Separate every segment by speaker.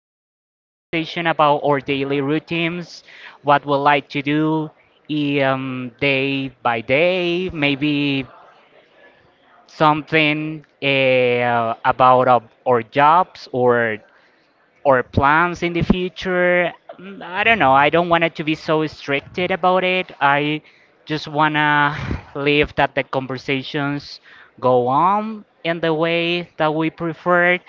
Speaker 1: nice conversation about our daily routines, what we like to do, day by day, maybe something about our jobs or plans in the future. Mm, I don't know. I don't want it to be so restricted about it. I just wanna leave that the conversations go on in the way that we preferred.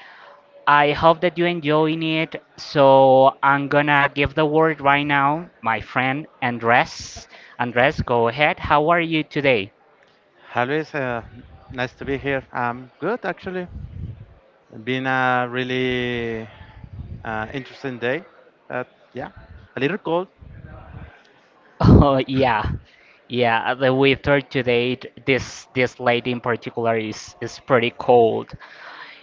Speaker 1: I hope that you're enjoying it. So I'm gonna give the word right now, my friend Andres. Andres, go ahead. How are you today?
Speaker 2: Hi, Luis. Nice to be here. I'm good, actually. Been a really interesting day. Uh, yeah, a little cold.
Speaker 1: Oh yeah, yeah. The weather today, this late in particular is pretty cold.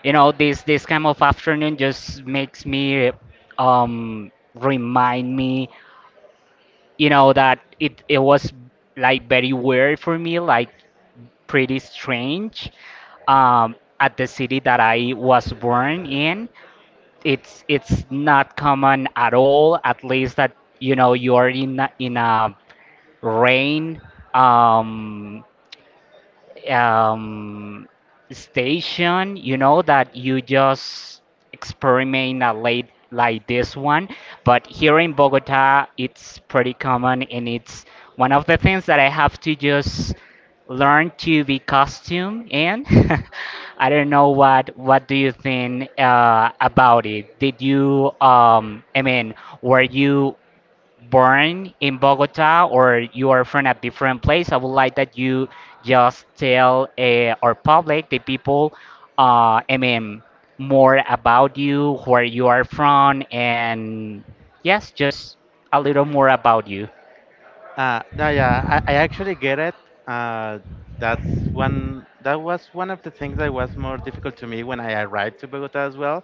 Speaker 1: You know, this kind of afternoon just makes me, remind me, that it was like very weird for me, like pretty strange. At the city that I was born in, it's not common at all. At least that you know you're in a rain um, um, station, that you just experiment a late like this one. But here in Bogota, it's pretty common, and it's one of the things that I have to just learn to be costume, and I don't know what do you think about it? Did you I mean, were you born in Bogota, or you are from a different place? I would like that you just tell, our public, the people, I mean, more about you, where you are from, and yes, just a little more about you.
Speaker 2: No, yeah, I actually get it. Uh, that's one. That was one of the things that was more difficult to me when I arrived to Bogota as well.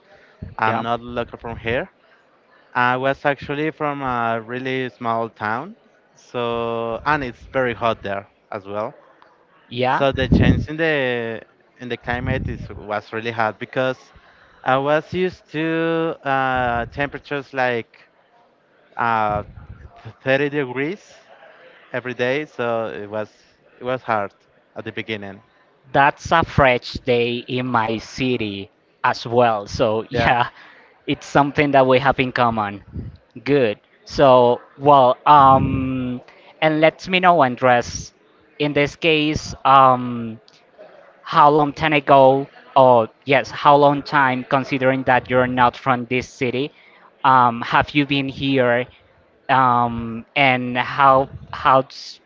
Speaker 2: I'm
Speaker 1: Yeah.
Speaker 2: not local from here. I was actually from a really small town, so and it's very hot there as well.
Speaker 1: Yeah.
Speaker 2: So the change in the climate is was really hard because I was used to temperatures like uh, 30 degrees every day, so it was hard at the beginning.
Speaker 1: That's a fresh day in my city as well. So,
Speaker 2: Yeah.
Speaker 1: yeah, it's something that we have in common. Good. So, well, and let me know, Andres, in this case, how long time ago, or yes, how long time, considering that you're not from this city, have you been here? And how, how's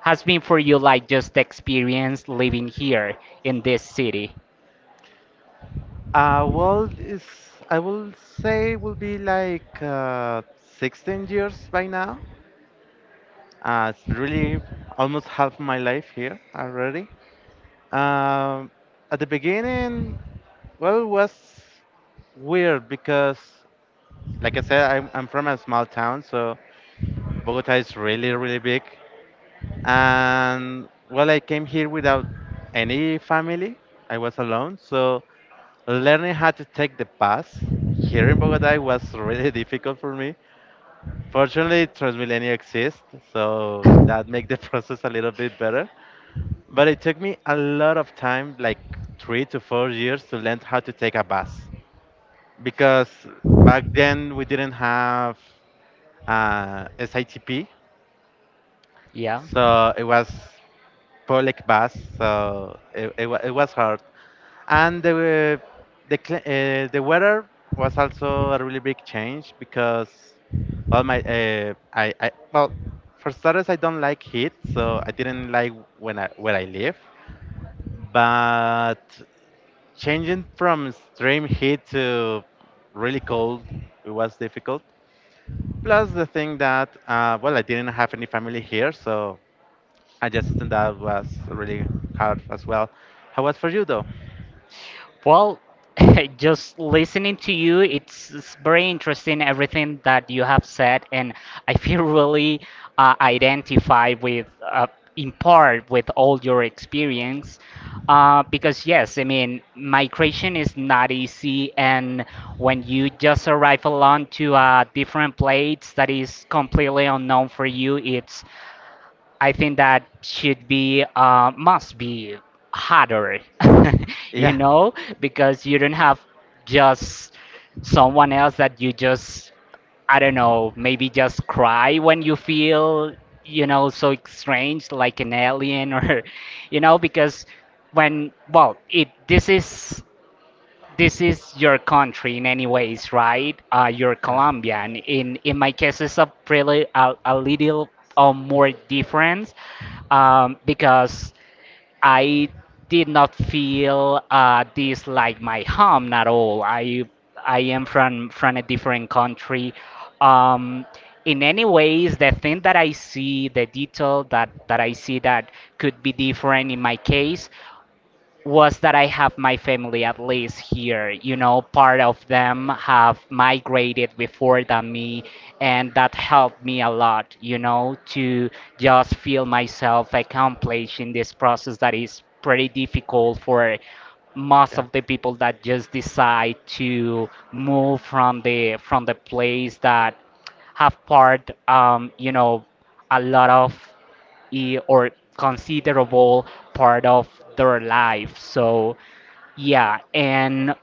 Speaker 1: has been for you, like, just the experience living here in this city?
Speaker 2: Well, is I will say will be like 16 years by now. It's really almost half my life here already. Um, at the beginning, well, it was weird because, like I said, I'm from a small town, so Bogota is really, really big. And well, I came here without any family. I was alone, so learning how to take the bus here in Bogota was really difficult for me. Fortunately, Transmilenio exists, so that make the process a little bit better. But it took me a lot of time, like 3 to 4 years, to learn how to take a bus, because back then we didn't have SITP,
Speaker 1: Yeah.
Speaker 2: so it was public bus, so it was hard. And the w- the cli- the weather was also a really big change because all my I well for starters I don't like heat, so I didn't like when I where I live, but changing from extreme heat to really cold it was difficult. Plus the thing that, well, I didn't have any family here, so adjusting that was really hard as well. How was for you though?
Speaker 1: Well, just listening to you, it's very interesting everything that you have said, and I feel really, identified with, in part, with all your experience. Because yes, I mean, migration is not easy, and when you just arrive alone to a different place that is completely unknown for you, it's, I think that should be, must be harder. You
Speaker 2: Yeah,
Speaker 1: know, because you don't have just someone else that you just, I don't know, maybe just cry when you feel, so strange, like an alien, or because when well it this is your country in any ways, right? You're
Speaker 2: yeah,
Speaker 1: Colombian. In my case, it's a pretty a little, more different, because I did not feel, this like my home at all. I am from a different country. Um, in any ways, the thing that I see, the detail that I see, that could be different in my case, was that I have my family at least here. You know, part of them have migrated before than me, and that helped me a lot, to just feel myself accomplished in this process, that is pretty difficult for most
Speaker 2: yeah,
Speaker 1: of the people that just decide to move from the place that have part, a lot of, or considerable part of their life. So, yeah, and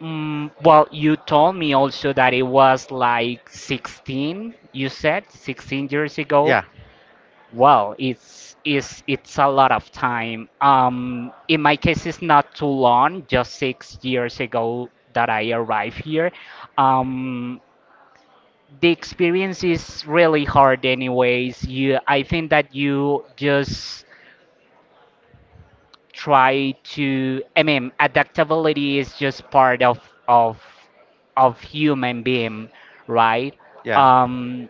Speaker 1: well, you told me also that it was like 16, you said 16 years ago.
Speaker 2: yeah,
Speaker 1: Well, it's a lot of time. In my case, it's not too long, just 6 years ago that I arrived here. Um, the experience is really hard anyways. I think that you just try to, I mean, adaptability is just part of of human being, right?
Speaker 2: yeah.
Speaker 1: um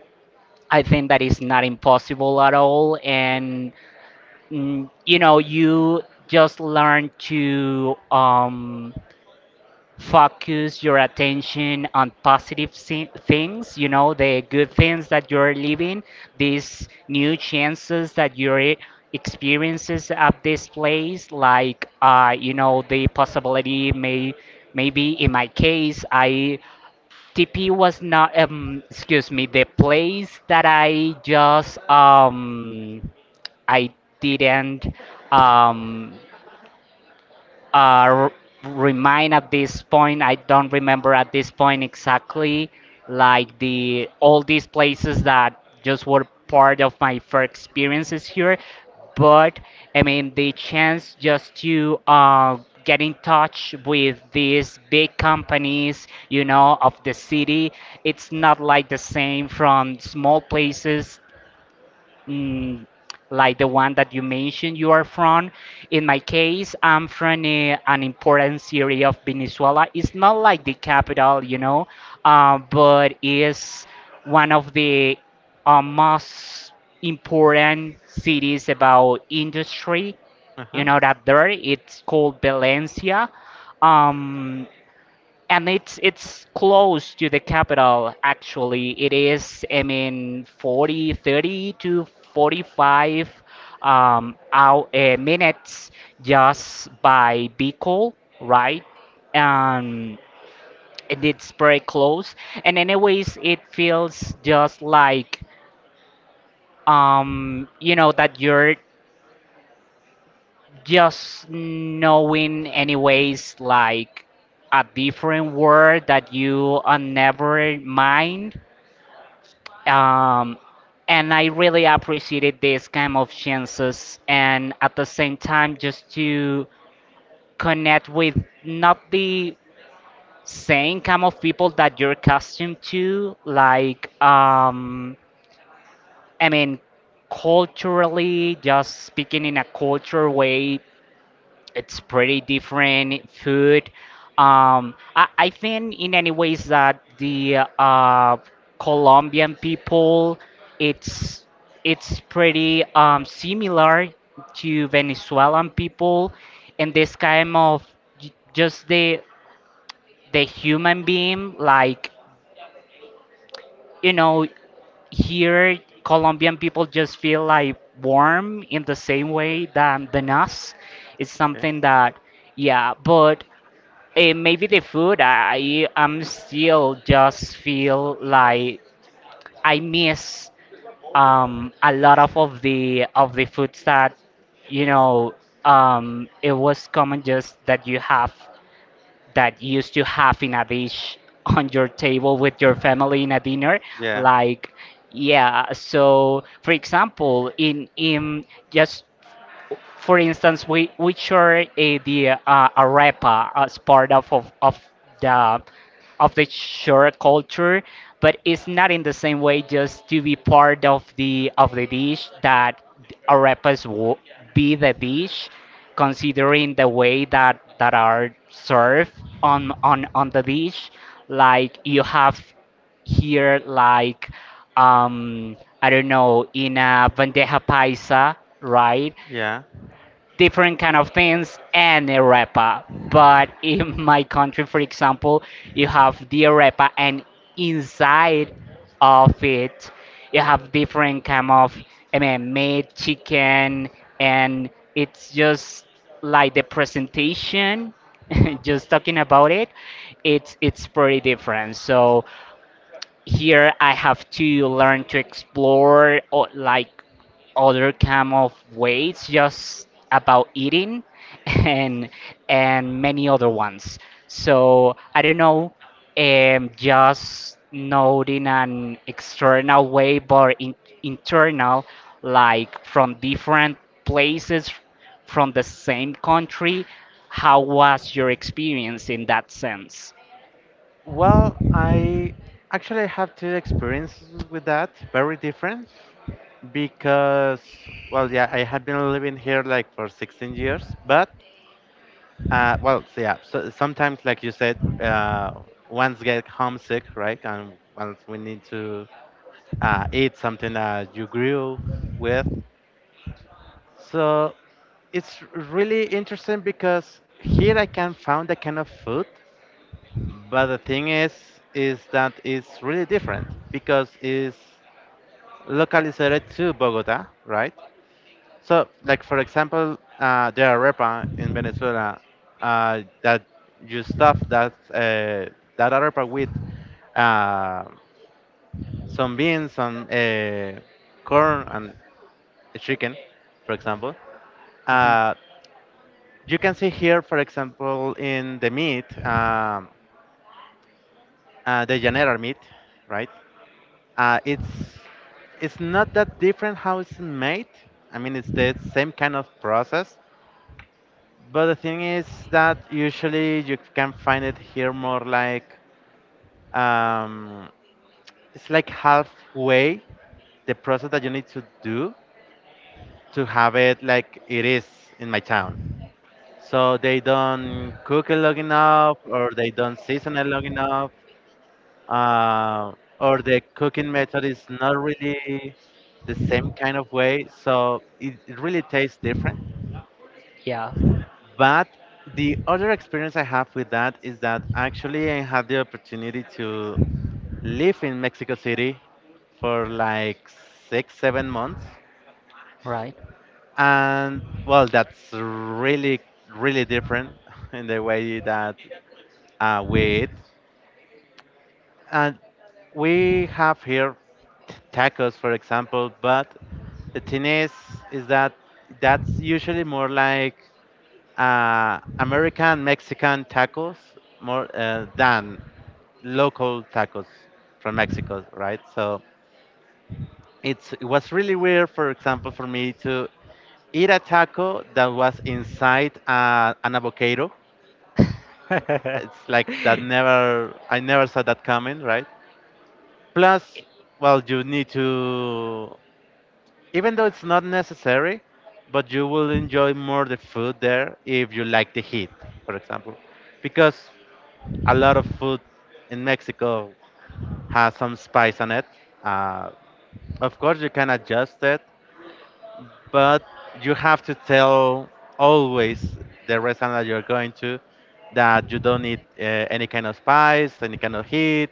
Speaker 1: I think that is not impossible at all, and you just learn to, focus your attention on positive, things, you know, the good things that you're living, these new chances that you're, experiences at this place, like, the possibility, maybe in my case, TP was not, excuse me, the place that I just, I didn't, um, uh, r- remind at this point. I don't remember at this point exactly, like the all these places that just were part of my first experiences here. But, I mean, the chance just to, get in touch with these big companies, of the city. It's not like the same from small places, mm, like the one that you mentioned you are from. In my case, I'm from an important city of Venezuela. It's not like the capital, but it's one of the, most important cities about industry.
Speaker 2: Uh
Speaker 1: You
Speaker 2: huh.
Speaker 1: know that there, it's called Valencia. Um, and it's close to the capital. Actually, it is, I mean, 40 30 to 45, minutes, just by vehicle, right. um and it's very close, and anyways, it feels just like, that you're just knowing anyways, like a different word that you, never mind. Um, and I really appreciated this kind of chances, and at the same time, just to connect with not the same kind of people that you're accustomed to, like, I mean, culturally, just speaking in a culture way, it's pretty different food. I think in any ways that the, Colombian people, it's it's pretty, similar to Venezuelan people, and this kind of, just the human being, like, you know, here Colombian people just feel like warm in the same way than us. It's
Speaker 2: Okay.
Speaker 1: something that, yeah, but, maybe the food. I am still just feel like I miss, a lot of the foods that, you know it was common just that you used to have in a dish on your table with your family in a dinner.
Speaker 2: Yeah,
Speaker 1: Like, yeah, so for example, in just for instance, we share the arepa as part the of the shore culture, but it's not in the same way just to be part of the dish, that arepas will be the dish, considering the way that are served on the dish. Like you have here, like, um, I don't know, in a bandeja paisa, right?
Speaker 2: yeah.
Speaker 1: Different kind of things and arepa. But in my country, for example, you have the arepa, and inside of it, you have different kind of, I mean, meat, chicken, and it's just like the presentation. Just talking about it, it's pretty different. So here I have to learn to explore, like other kind of ways just about eating, and many other ones. So I don't know, just not in an external way, but internal, like from different places from the same country. How was your experience in that sense?
Speaker 2: Well, I actually have two experiences with that, very different, because, well, yeah, I had been living here like for 16 years. But well, so yeah. So sometimes, like you said, once get homesick, right? And once we need to eat something that you grew with. So it's really interesting because here I can find that kind of food, but the thing is that it's really different because it's localized to Bogota, right? So, like for example, the arepa in Venezuela, that you stuff that that arepa with uh, some beans, some corn, and chicken, for example.
Speaker 1: Hmm.
Speaker 2: Uh, you can see here, for example, in the meat, the llanera meat, right? Uh, it's it's not that different how it's made. I mean, it's the same kind of process, but the thing is that usually you can find it here more like um, it's like halfway the process that you need to do to have it like it is in my town. So they don't cook it long enough, or they don't season it long enough, uh, or the cooking method is not really the same kind of way. So it really tastes different.
Speaker 1: Yeah,
Speaker 2: But the other experience I have with that is that actually I had the opportunity to live in Mexico City for like six, 7 months.
Speaker 1: right.
Speaker 2: And well, that's really, really different in the way that we eat. And we have here tacos, for example, but the thing is that that's usually more like American Mexican tacos more than local tacos from Mexico, right? So it's it was really weird, for example, for me to eat a taco that was inside an avocado. It's like that never I never saw that coming, right? Plus, well, you need to even though it's not necessary, but you will enjoy more the food there if you like the heat, for example, because a lot of food in Mexico has some spice on it. Uh, Of course, you can adjust it, but you have to tell always the restaurant that you're going to that you don't need any kind of spice, any kind of heat,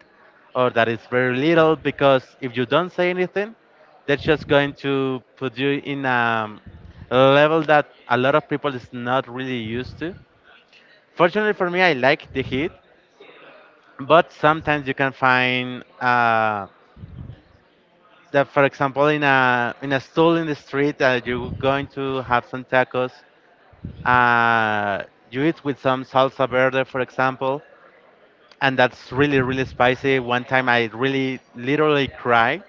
Speaker 2: or that it's very little. Because if you don't say anything, they're just going to put you in a level that a lot of people is not really used to. Fortunately for me, I like the heat, but sometimes you can find. um that for example in a stall in the street that you're going to have some tacos, uh, you eat with some salsa verde for example, and that's really really spicy. One time I really literally cried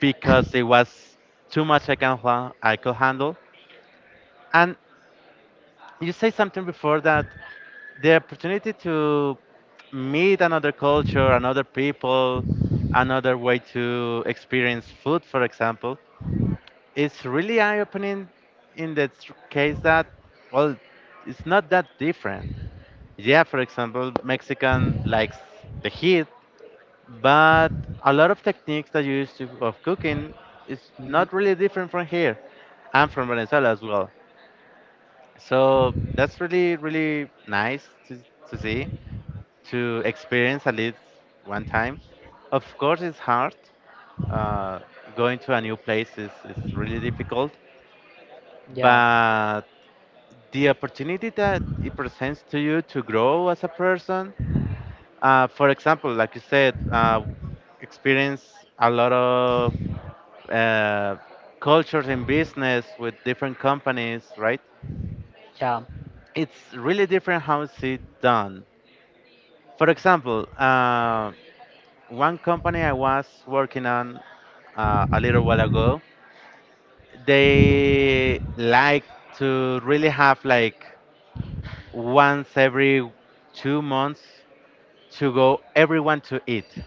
Speaker 2: because it was too much I could handle. And you say something before that the opportunity to meet another culture, another people, another way to experience food for example, it's really eye-opening, in the case that well it's not that different. Yeah, for example mexican likes the heat, but a lot of techniques that you use to, of cooking is
Speaker 1: Mhm.
Speaker 2: not really different from here and from venezuela as well. So that's really really nice to see to experience at least one time. Of course it's hard, uh, going to a new place is really difficult,
Speaker 1: Yeah,
Speaker 2: but the opportunity that it presents to you to grow as a person. For example, like you said, experience a lot of uh, cultures in business with different companies, right?
Speaker 1: yeah.
Speaker 2: It's really different how it's it done. For example, one company I was working on a little while ago, they like to really have like once every 2 months to go everyone to eat.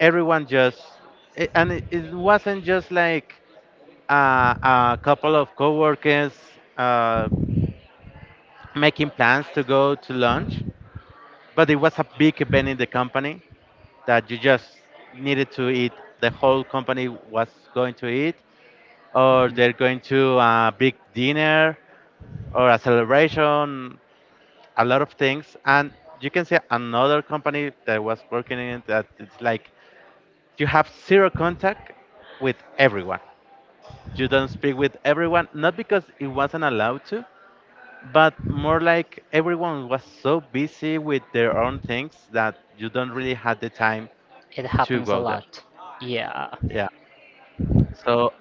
Speaker 2: Everyone just it, and it wasn't just like a couple of coworkers uh, making plans to go to lunch, but it was a big event in the company that you just needed to eat. The whole company was going to eat, or
Speaker 1: Mhm.
Speaker 2: they're going to a big dinner or a celebration, a lot of things. And you can see another company that was working in it that it's like you have zero contact with everyone. You don't speak with everyone, not because it wasn't allowed to, but more like everyone was so busy with their own things that you don't really had the time
Speaker 1: It
Speaker 2: to
Speaker 1: happens a
Speaker 2: go there.
Speaker 1: lot. Yeah.
Speaker 2: Yeah. So,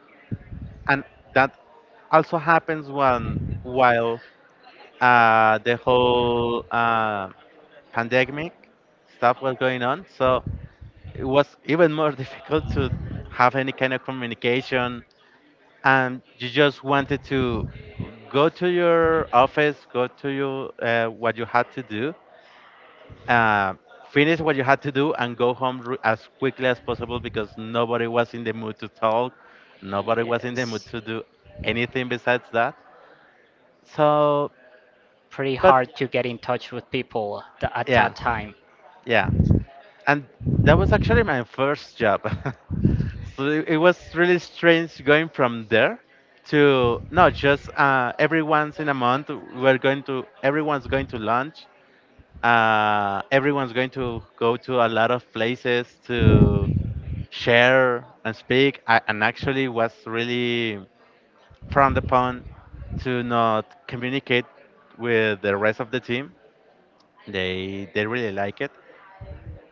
Speaker 2: and that also happens when while the whole pandemic stuff was going on. So it was even more difficult to have any kind of communication and you just wanted to go to your office, go to your what you had to do, uh, finish what you had to do, and go home as quickly as possible because nobody was in the mood to talk, nobody was in the mood
Speaker 1: Yes.
Speaker 2: to do anything besides that. So,
Speaker 1: Pretty
Speaker 2: but
Speaker 1: hard to get in touch with people at
Speaker 2: yeah,
Speaker 1: that time.
Speaker 2: yeah, and that was actually my first job. So it was really strange going from there to no, just every once in a month we're going to everyone's going to lunch. Everyone's going to go to a lot of places to share and speak. And actually, was really frowned upon to not communicate with the rest of the team. They really like it,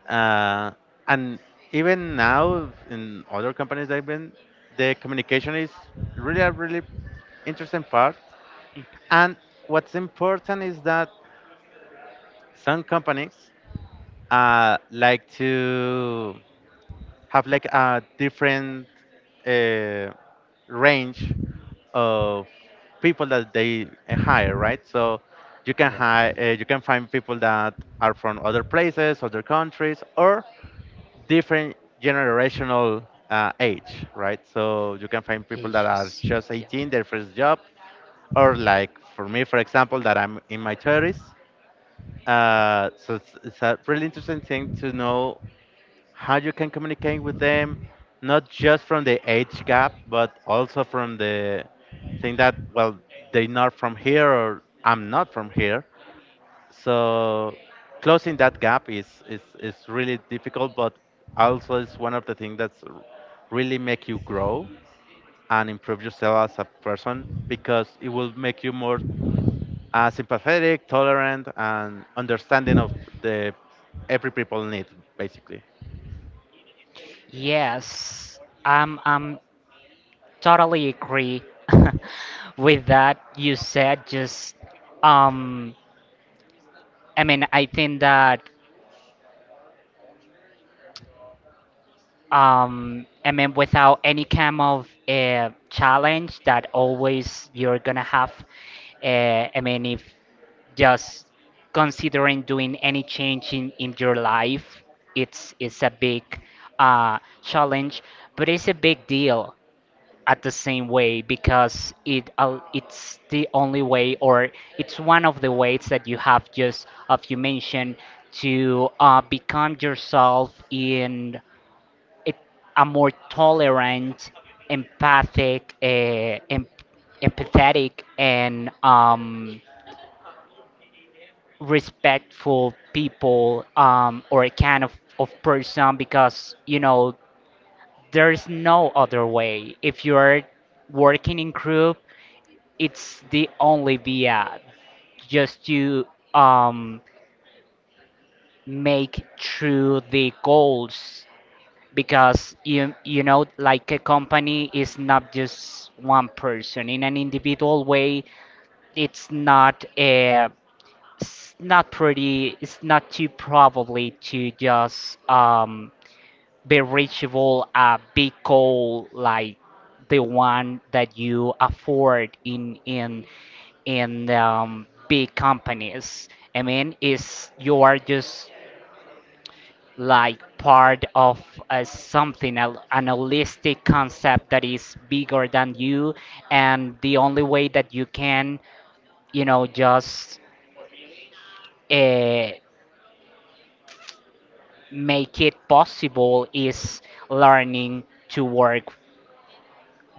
Speaker 2: uh, and even now in other companies I've been, the communication is really a really interesting part. And what's important is that some companies like to have like a different uh, range of people that they hire, right? So you can
Speaker 1: Yeah.
Speaker 2: hire, you can find people that are from other places, other countries, or different generational age, right? So you can find people that are
Speaker 1: Issues.
Speaker 2: just
Speaker 1: Yeah.
Speaker 2: 18, their first job, or like for me, for example, that I'm in my 30s. So it's a really interesting thing to know how you can communicate with them, not just from the age gap, but also from the thing that, well, they're not from here or I'm not from here. So closing that gap is really difficult, but also it's one of the things that's really make you grow and improve yourself as a person because it will make you more sympathetic, tolerant, and understanding of the every people need basically.
Speaker 1: Yes, I'm totally agree with that you said. Just, um, I mean, I think that, I mean, without any kind of, challenge, that always you're gonna have. I mean, if just considering doing any change in your life, it's a big, challenge, but it's a big deal. At the same way because it's the only way, or it's one of the ways that you have, just of you mentioned, to, become yourself in a, a more tolerant, empathic, empathetic, and respectful people, or a kind of person because there's no other way if you're working in group. It's the only via just to, um make through the goals because like a company is not just one person in an individual way. It's not a it's not pretty It's not too probably to just, be reachable a big goal like the one that you afford in big companies. I mean, is you are just like part of, something an holistic concept that is bigger than you, and the only way that you can, just, uh, make it possible is learning to work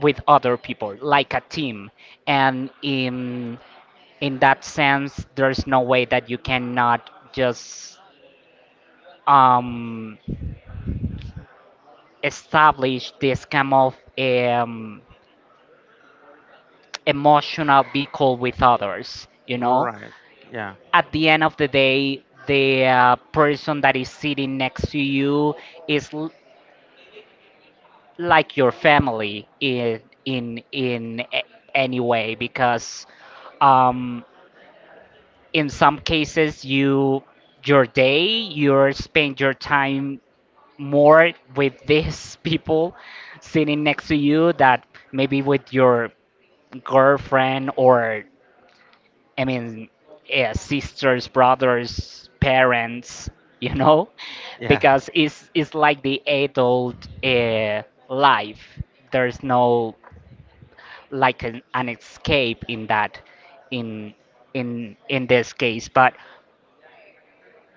Speaker 1: with other people, like a team. And in that sense, there's no way that you cannot just, um, establish this kind of, emotional vehicle with others.
Speaker 2: Right. Yeah.
Speaker 1: At the end of the day, the person that is sitting next to you is like your family in any way, because um, in some cases, your day, you spend your time more with these people sitting next to you, that maybe with your girlfriend, or, I mean, yeah, sisters, brothers, parents, you know
Speaker 2: Yeah.
Speaker 1: because it's like the adult life. There's no, like, an escape in that in in this case, but,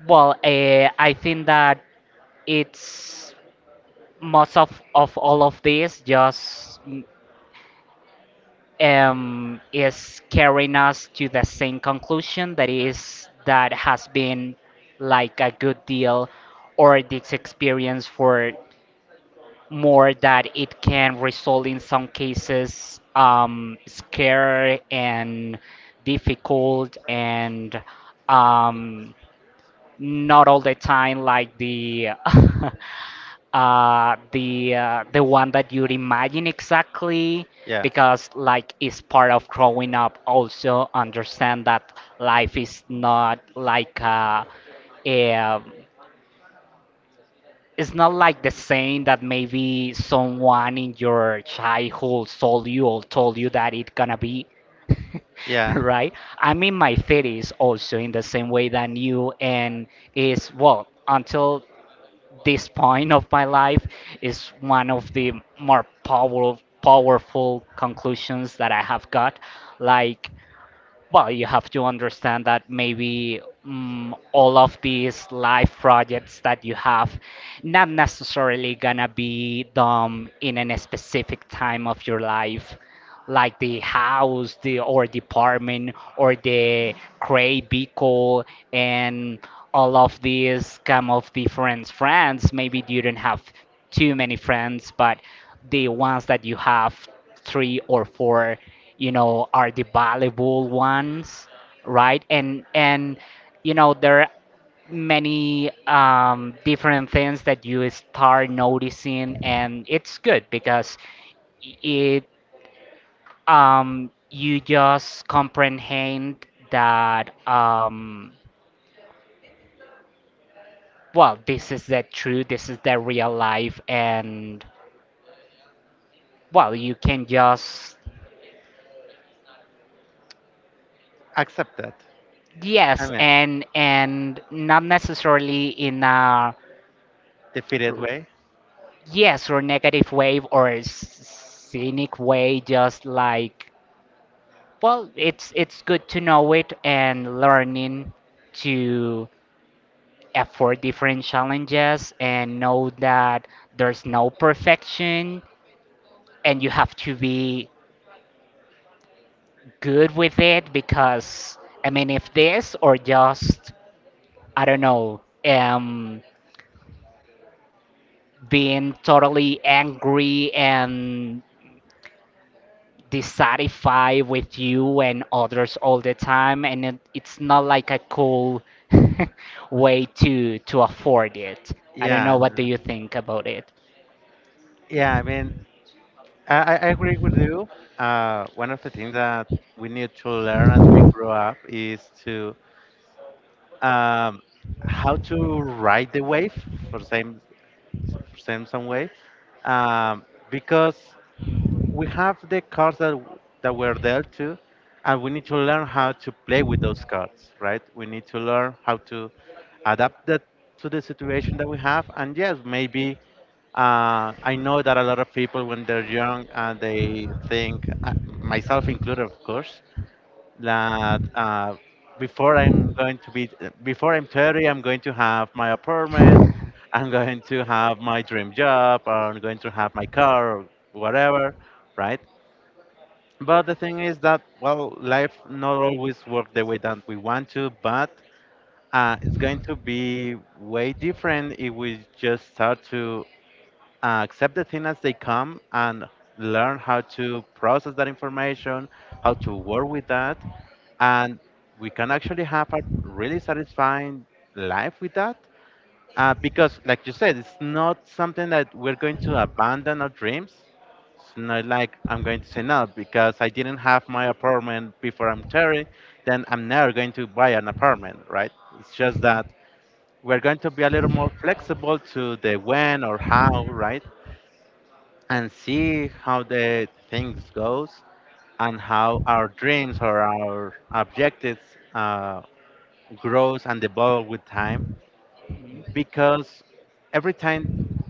Speaker 1: well, I think that it's most of all of this just is carrying us to the same conclusion, that is that has been like a good deal or this experience, for more that it can result in some cases scary and difficult, and um, not all the time like the the one that you'd imagine exactly,
Speaker 2: Yeah.
Speaker 1: because, like, it's part of growing up, also understand that life is not like a it's not like the saying that maybe someone in your childhood told you that it's gonna be.
Speaker 2: Yeah.
Speaker 1: Right. I'm in my 30s, also in the same way than you, and is, well, until this point of my life is one of the more powerful conclusions that I have got. Like, well, you have to understand that maybe all of these live projects that you have not necessarily gonna be done in a specific time of your life, like the house, the or the apartment, or the gray vehicle, and all of these come of different friends. Maybe you don't have too many friends, but the ones that you have, three or four, are the valuable ones. Right. And there are many different things that you start noticing, and it's good because it you just comprehend that well, this is the truth, this is the real life, and, well, you can just.
Speaker 2: Accept that. I
Speaker 1: Yes.
Speaker 2: mean,
Speaker 1: And not necessarily in a.
Speaker 2: defeated way.
Speaker 1: Yes, or negative wave, or a scenic way, just like, well, it's good to know it, and learning to afford different challenges, and know that there's no perfection, and you have to be good with it, because, I mean, if this or just, I don't know, being totally angry and dissatisfied with you and others all the time, and it's not like a cool way to afford it. I don't
Speaker 2: Yeah.
Speaker 1: know. What do
Speaker 2: No.
Speaker 1: you think about it?
Speaker 2: Yeah. I mean, I agree with you. One of the things that we need to learn as we grow up is to um, how to ride the wave for same for same some way, um, because we have the cards that that we're dealt to, and we need to learn how to play with those cards, right? We need to learn how to adapt that to the situation that we have. And yes, maybe I know that a lot of people when they're young, they think, myself included, of course, that before I'm going to be before I'm 30, I'm going to have my apartment. I'm going to have my dream job, or I'm going to have my car, or whatever, right? But the thing is that, well, life not always work the way that we want to, but it's going to be way different if we just start to accept the things as they come and learn how to process that information, how to work with that, and we can actually have a really satisfying life with that because, like you said, it's not something that we're going to abandon our dreams. It's not like I'm going to say no because I didn't have my apartment before I'm 30, then I'm never going to buy an apartment, right? It's just
Speaker 1: Hmm.
Speaker 2: that we're going to be a little more flexible to the when or how, right? And see how the things goes and how our dreams or our objectives uh, grows and evolve with time, because every time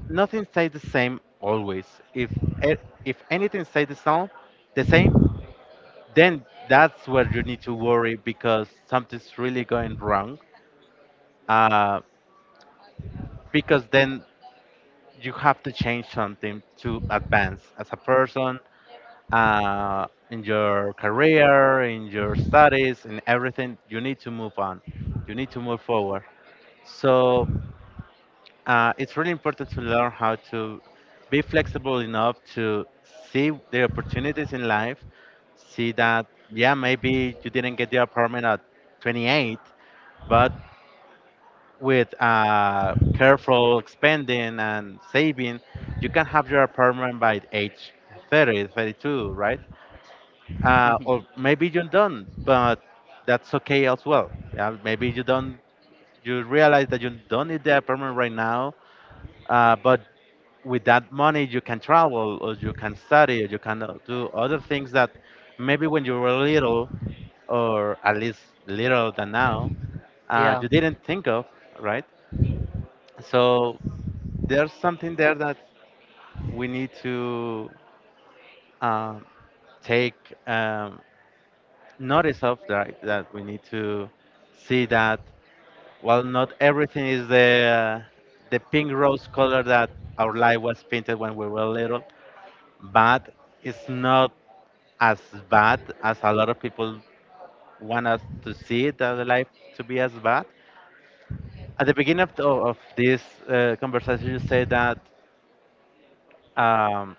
Speaker 2: nothing stays the same always. if e- if anything stays the same, the same then that's where you need to worry because something's really going wrong, uh, because then you have to change something to advance as a person, in your career, in your studies, in everything. You need to move on, you need to move forward. So it's really important to learn how to be flexible enough to see the opportunities in life, see that, yeah, maybe you didn't get the apartment at 28, but with careful spending and saving, you can have your apartment by age 30, 32, right?
Speaker 1: Hmm.
Speaker 2: Or maybe you don't, but that's okay as well. Yeah, maybe you don't, you realize that you don't need the apartment right now, but with that money you can travel or you can study or you can do other things that maybe when you were little, or at least little than now,
Speaker 1: Yeah,
Speaker 2: you didn't think of, right? So there's something there that we need to um, take um, notice of, right? That we need to see that, well, not everything is the pink rose color that our life was painted when we were little, but it's not as bad as a lot of people want us to see it, that the life to be as bad. At the beginning of, of this conversation, you say that um,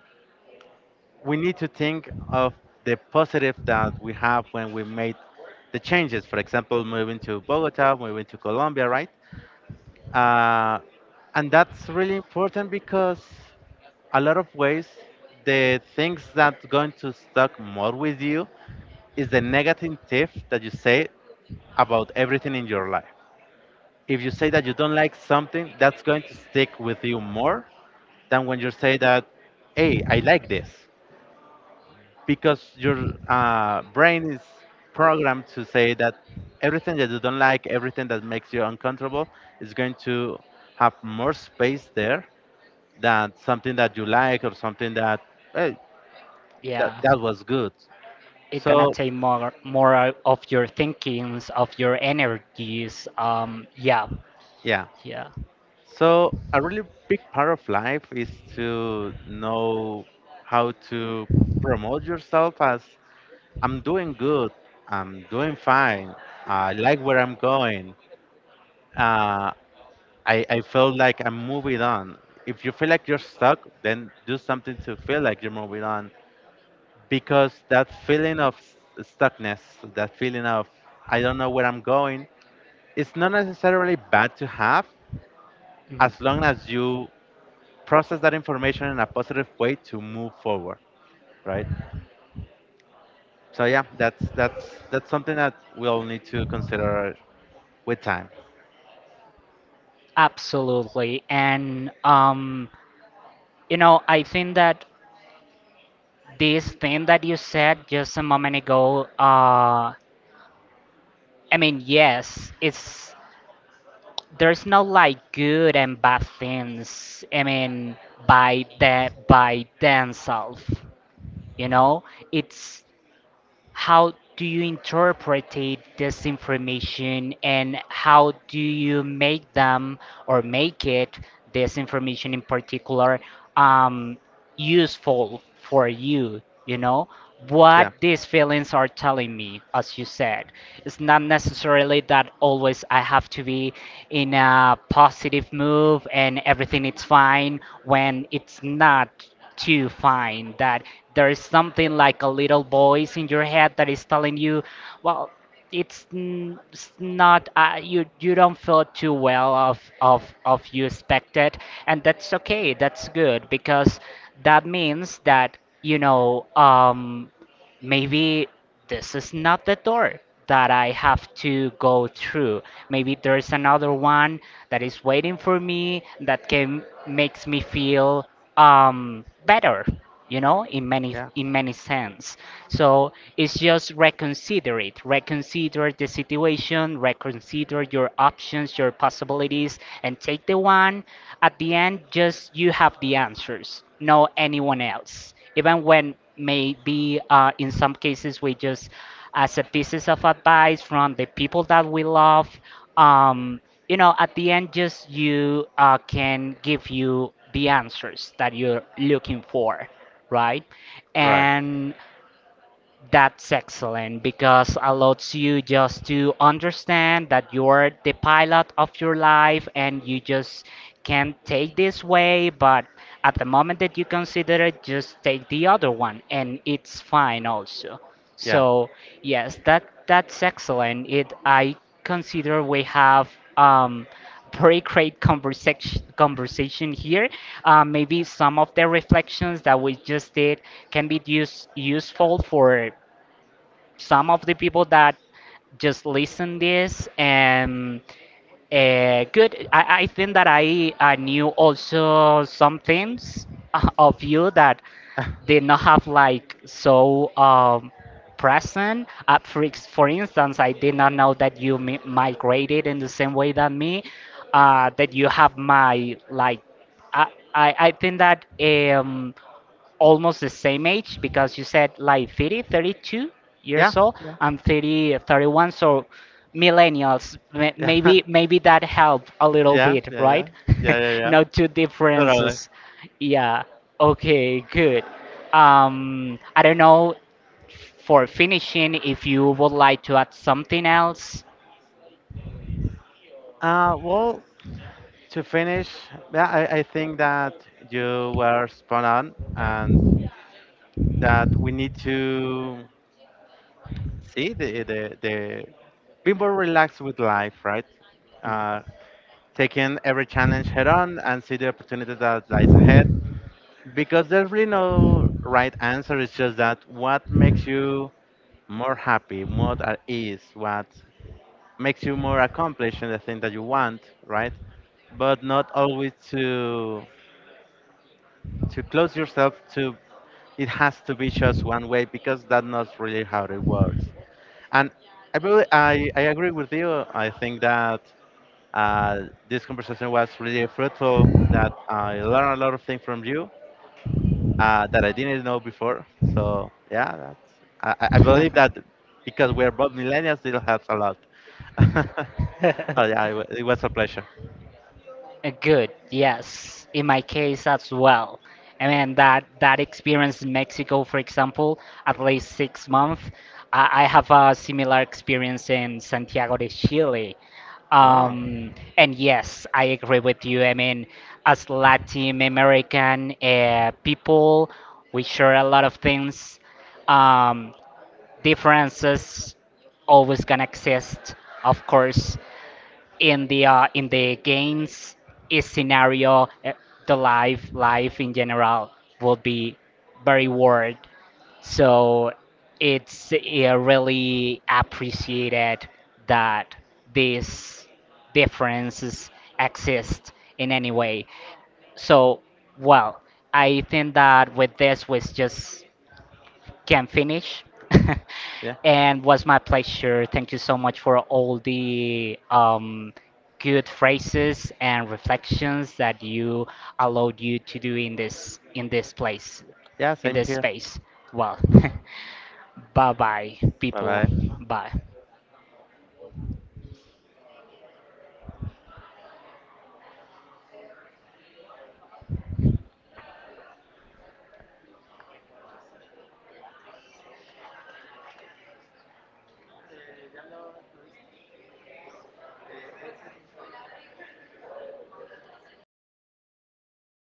Speaker 2: we need to think of the positive that we have when we made the changes. For example, moving to Bogota, moving to Colombia, right? Uh, and that's really important because a lot of ways the things that's going to stuck more with you is the negative tip that you say about everything in your life. If you say that you don't like something, that's going to stick with you more than when you say that, hey, I like this. Because your brain is programmed to say that everything that you don't like, everything that makes you uncomfortable, is going to have more space there than something that you like or something that, hey,
Speaker 1: yeah.
Speaker 2: that was good.
Speaker 1: It's gonna
Speaker 2: So,
Speaker 1: take more out of your thinkings, of your energies. Yeah,
Speaker 2: yeah.
Speaker 1: yeah.
Speaker 2: So a really big part of life is to know how to promote yourself as, I'm doing good, I'm doing fine, I like where I'm going, uh, I feel like I'm moving on. If you feel like you're stuck, then do something to feel like you're moving on, because that feeling of stuckness, that feeling of I don't know where I'm going, it's not necessarily bad to have, as long
Speaker 1: Mhm.
Speaker 2: as you process that information in a positive way to move forward, right? So yeah, that's that's something that we all need to consider with time.
Speaker 1: Absolutely. And I think that this thing that you said just a moment ago, I mean, yes, it's there's no, like, good and bad things. I mean, by themselves, you know, it's, how do you interpret this information, and how do you make them, or make it, this information in particular, um, useful for you? You know what
Speaker 2: Yeah,
Speaker 1: these feelings are telling me, as you said. It's not necessarily that always I have to be in a positive move and everything is fine when it's not, to find that there is something like a little voice in your head that is telling you, well, it's not, you don't feel too well of you expected, and that's okay. That's good, because that means that maybe this is not the door that I have to go through. Maybe there's another one that is waiting for me that can makes me feel better, in many
Speaker 2: yeah,
Speaker 1: in many sense. So, it's just reconsider it, reconsider the situation, reconsider your options, your possibilities, and take the one at the end. Just you have the answers, no anyone else, even when maybe in some cases we just as a pieces of advice from the people that we love, um, at the end, just you can give you the answers that you're looking for, right?
Speaker 2: right.
Speaker 1: And that's excellent because allows you just to understand that you're the pilot of your life, and you just can take this way, but at the moment that you consider it, just take the other one, and it's fine also.
Speaker 2: Yeah,
Speaker 1: So, yes, that's excellent. It I consider we have um very great conversation here. Maybe some of the reflections that we just did can be useful for some of the people that just listen this. Good. I think that I knew also some things of you that did not have like so present. For instance, I did not know that you migrated in the same way than me. That you have my, like. I I think that almost the same age, because you said like 30, thirty-two
Speaker 2: yeah,
Speaker 1: years old.
Speaker 2: yeah,
Speaker 1: I'm 30, 31. So, millennials. May-
Speaker 2: yeah,
Speaker 1: Maybe maybe that helped a little
Speaker 2: yeah,
Speaker 1: bit,
Speaker 2: yeah, yeah,
Speaker 1: right?
Speaker 2: yeah, yeah, yeah.
Speaker 1: No two
Speaker 2: Totally.
Speaker 1: differences. Yeah. Okay, good. I don't know, for finishing, if you would like to add something else.
Speaker 2: Well, to finish, yeah, I think that you were spot on, and that we need to see the, be more relaxed with life, right?
Speaker 1: Mm.
Speaker 2: Uh. Taking every challenge head on and see the opportunity that lies ahead, because there's really no right answer. It's just that what makes you more happy, more at ease, what makes you more accomplished in the thing that you want, right? But not always to close yourself to it has to be just one way, because that's not really how it works. And I agree with you. I think that Uh, this conversation was really fruitful. That I learned a lot of things from you, that I didn't know before. So yeah, that's, I believe that because we're both millennials, it helps a lot. Oh yeah, it was a pleasure.
Speaker 1: Good, yes, in my case as well. I mean that experience in Mexico, for example, at least 6 months. I have a similar experience in Santiago de Chile.
Speaker 2: Oh
Speaker 1: Um, and yes, I agree with you. I mean, as Latin American people, we share a lot of things. Um, Differences always gonna exist, of course, in the games, scenario, the life in general, would be very worried. So, it's really appreciated that these differences exist in any way. So, well, I think that with this was just can finish.
Speaker 2: yeah,
Speaker 1: And was my pleasure. Thank you so much for all the good phrases and reflections that you allowed you to do in this place,
Speaker 2: yeah,
Speaker 1: in
Speaker 2: same
Speaker 1: this
Speaker 2: here.
Speaker 1: space. Well, bye bye,
Speaker 2: Bye
Speaker 1: people.
Speaker 2: bye.
Speaker 1: Bye.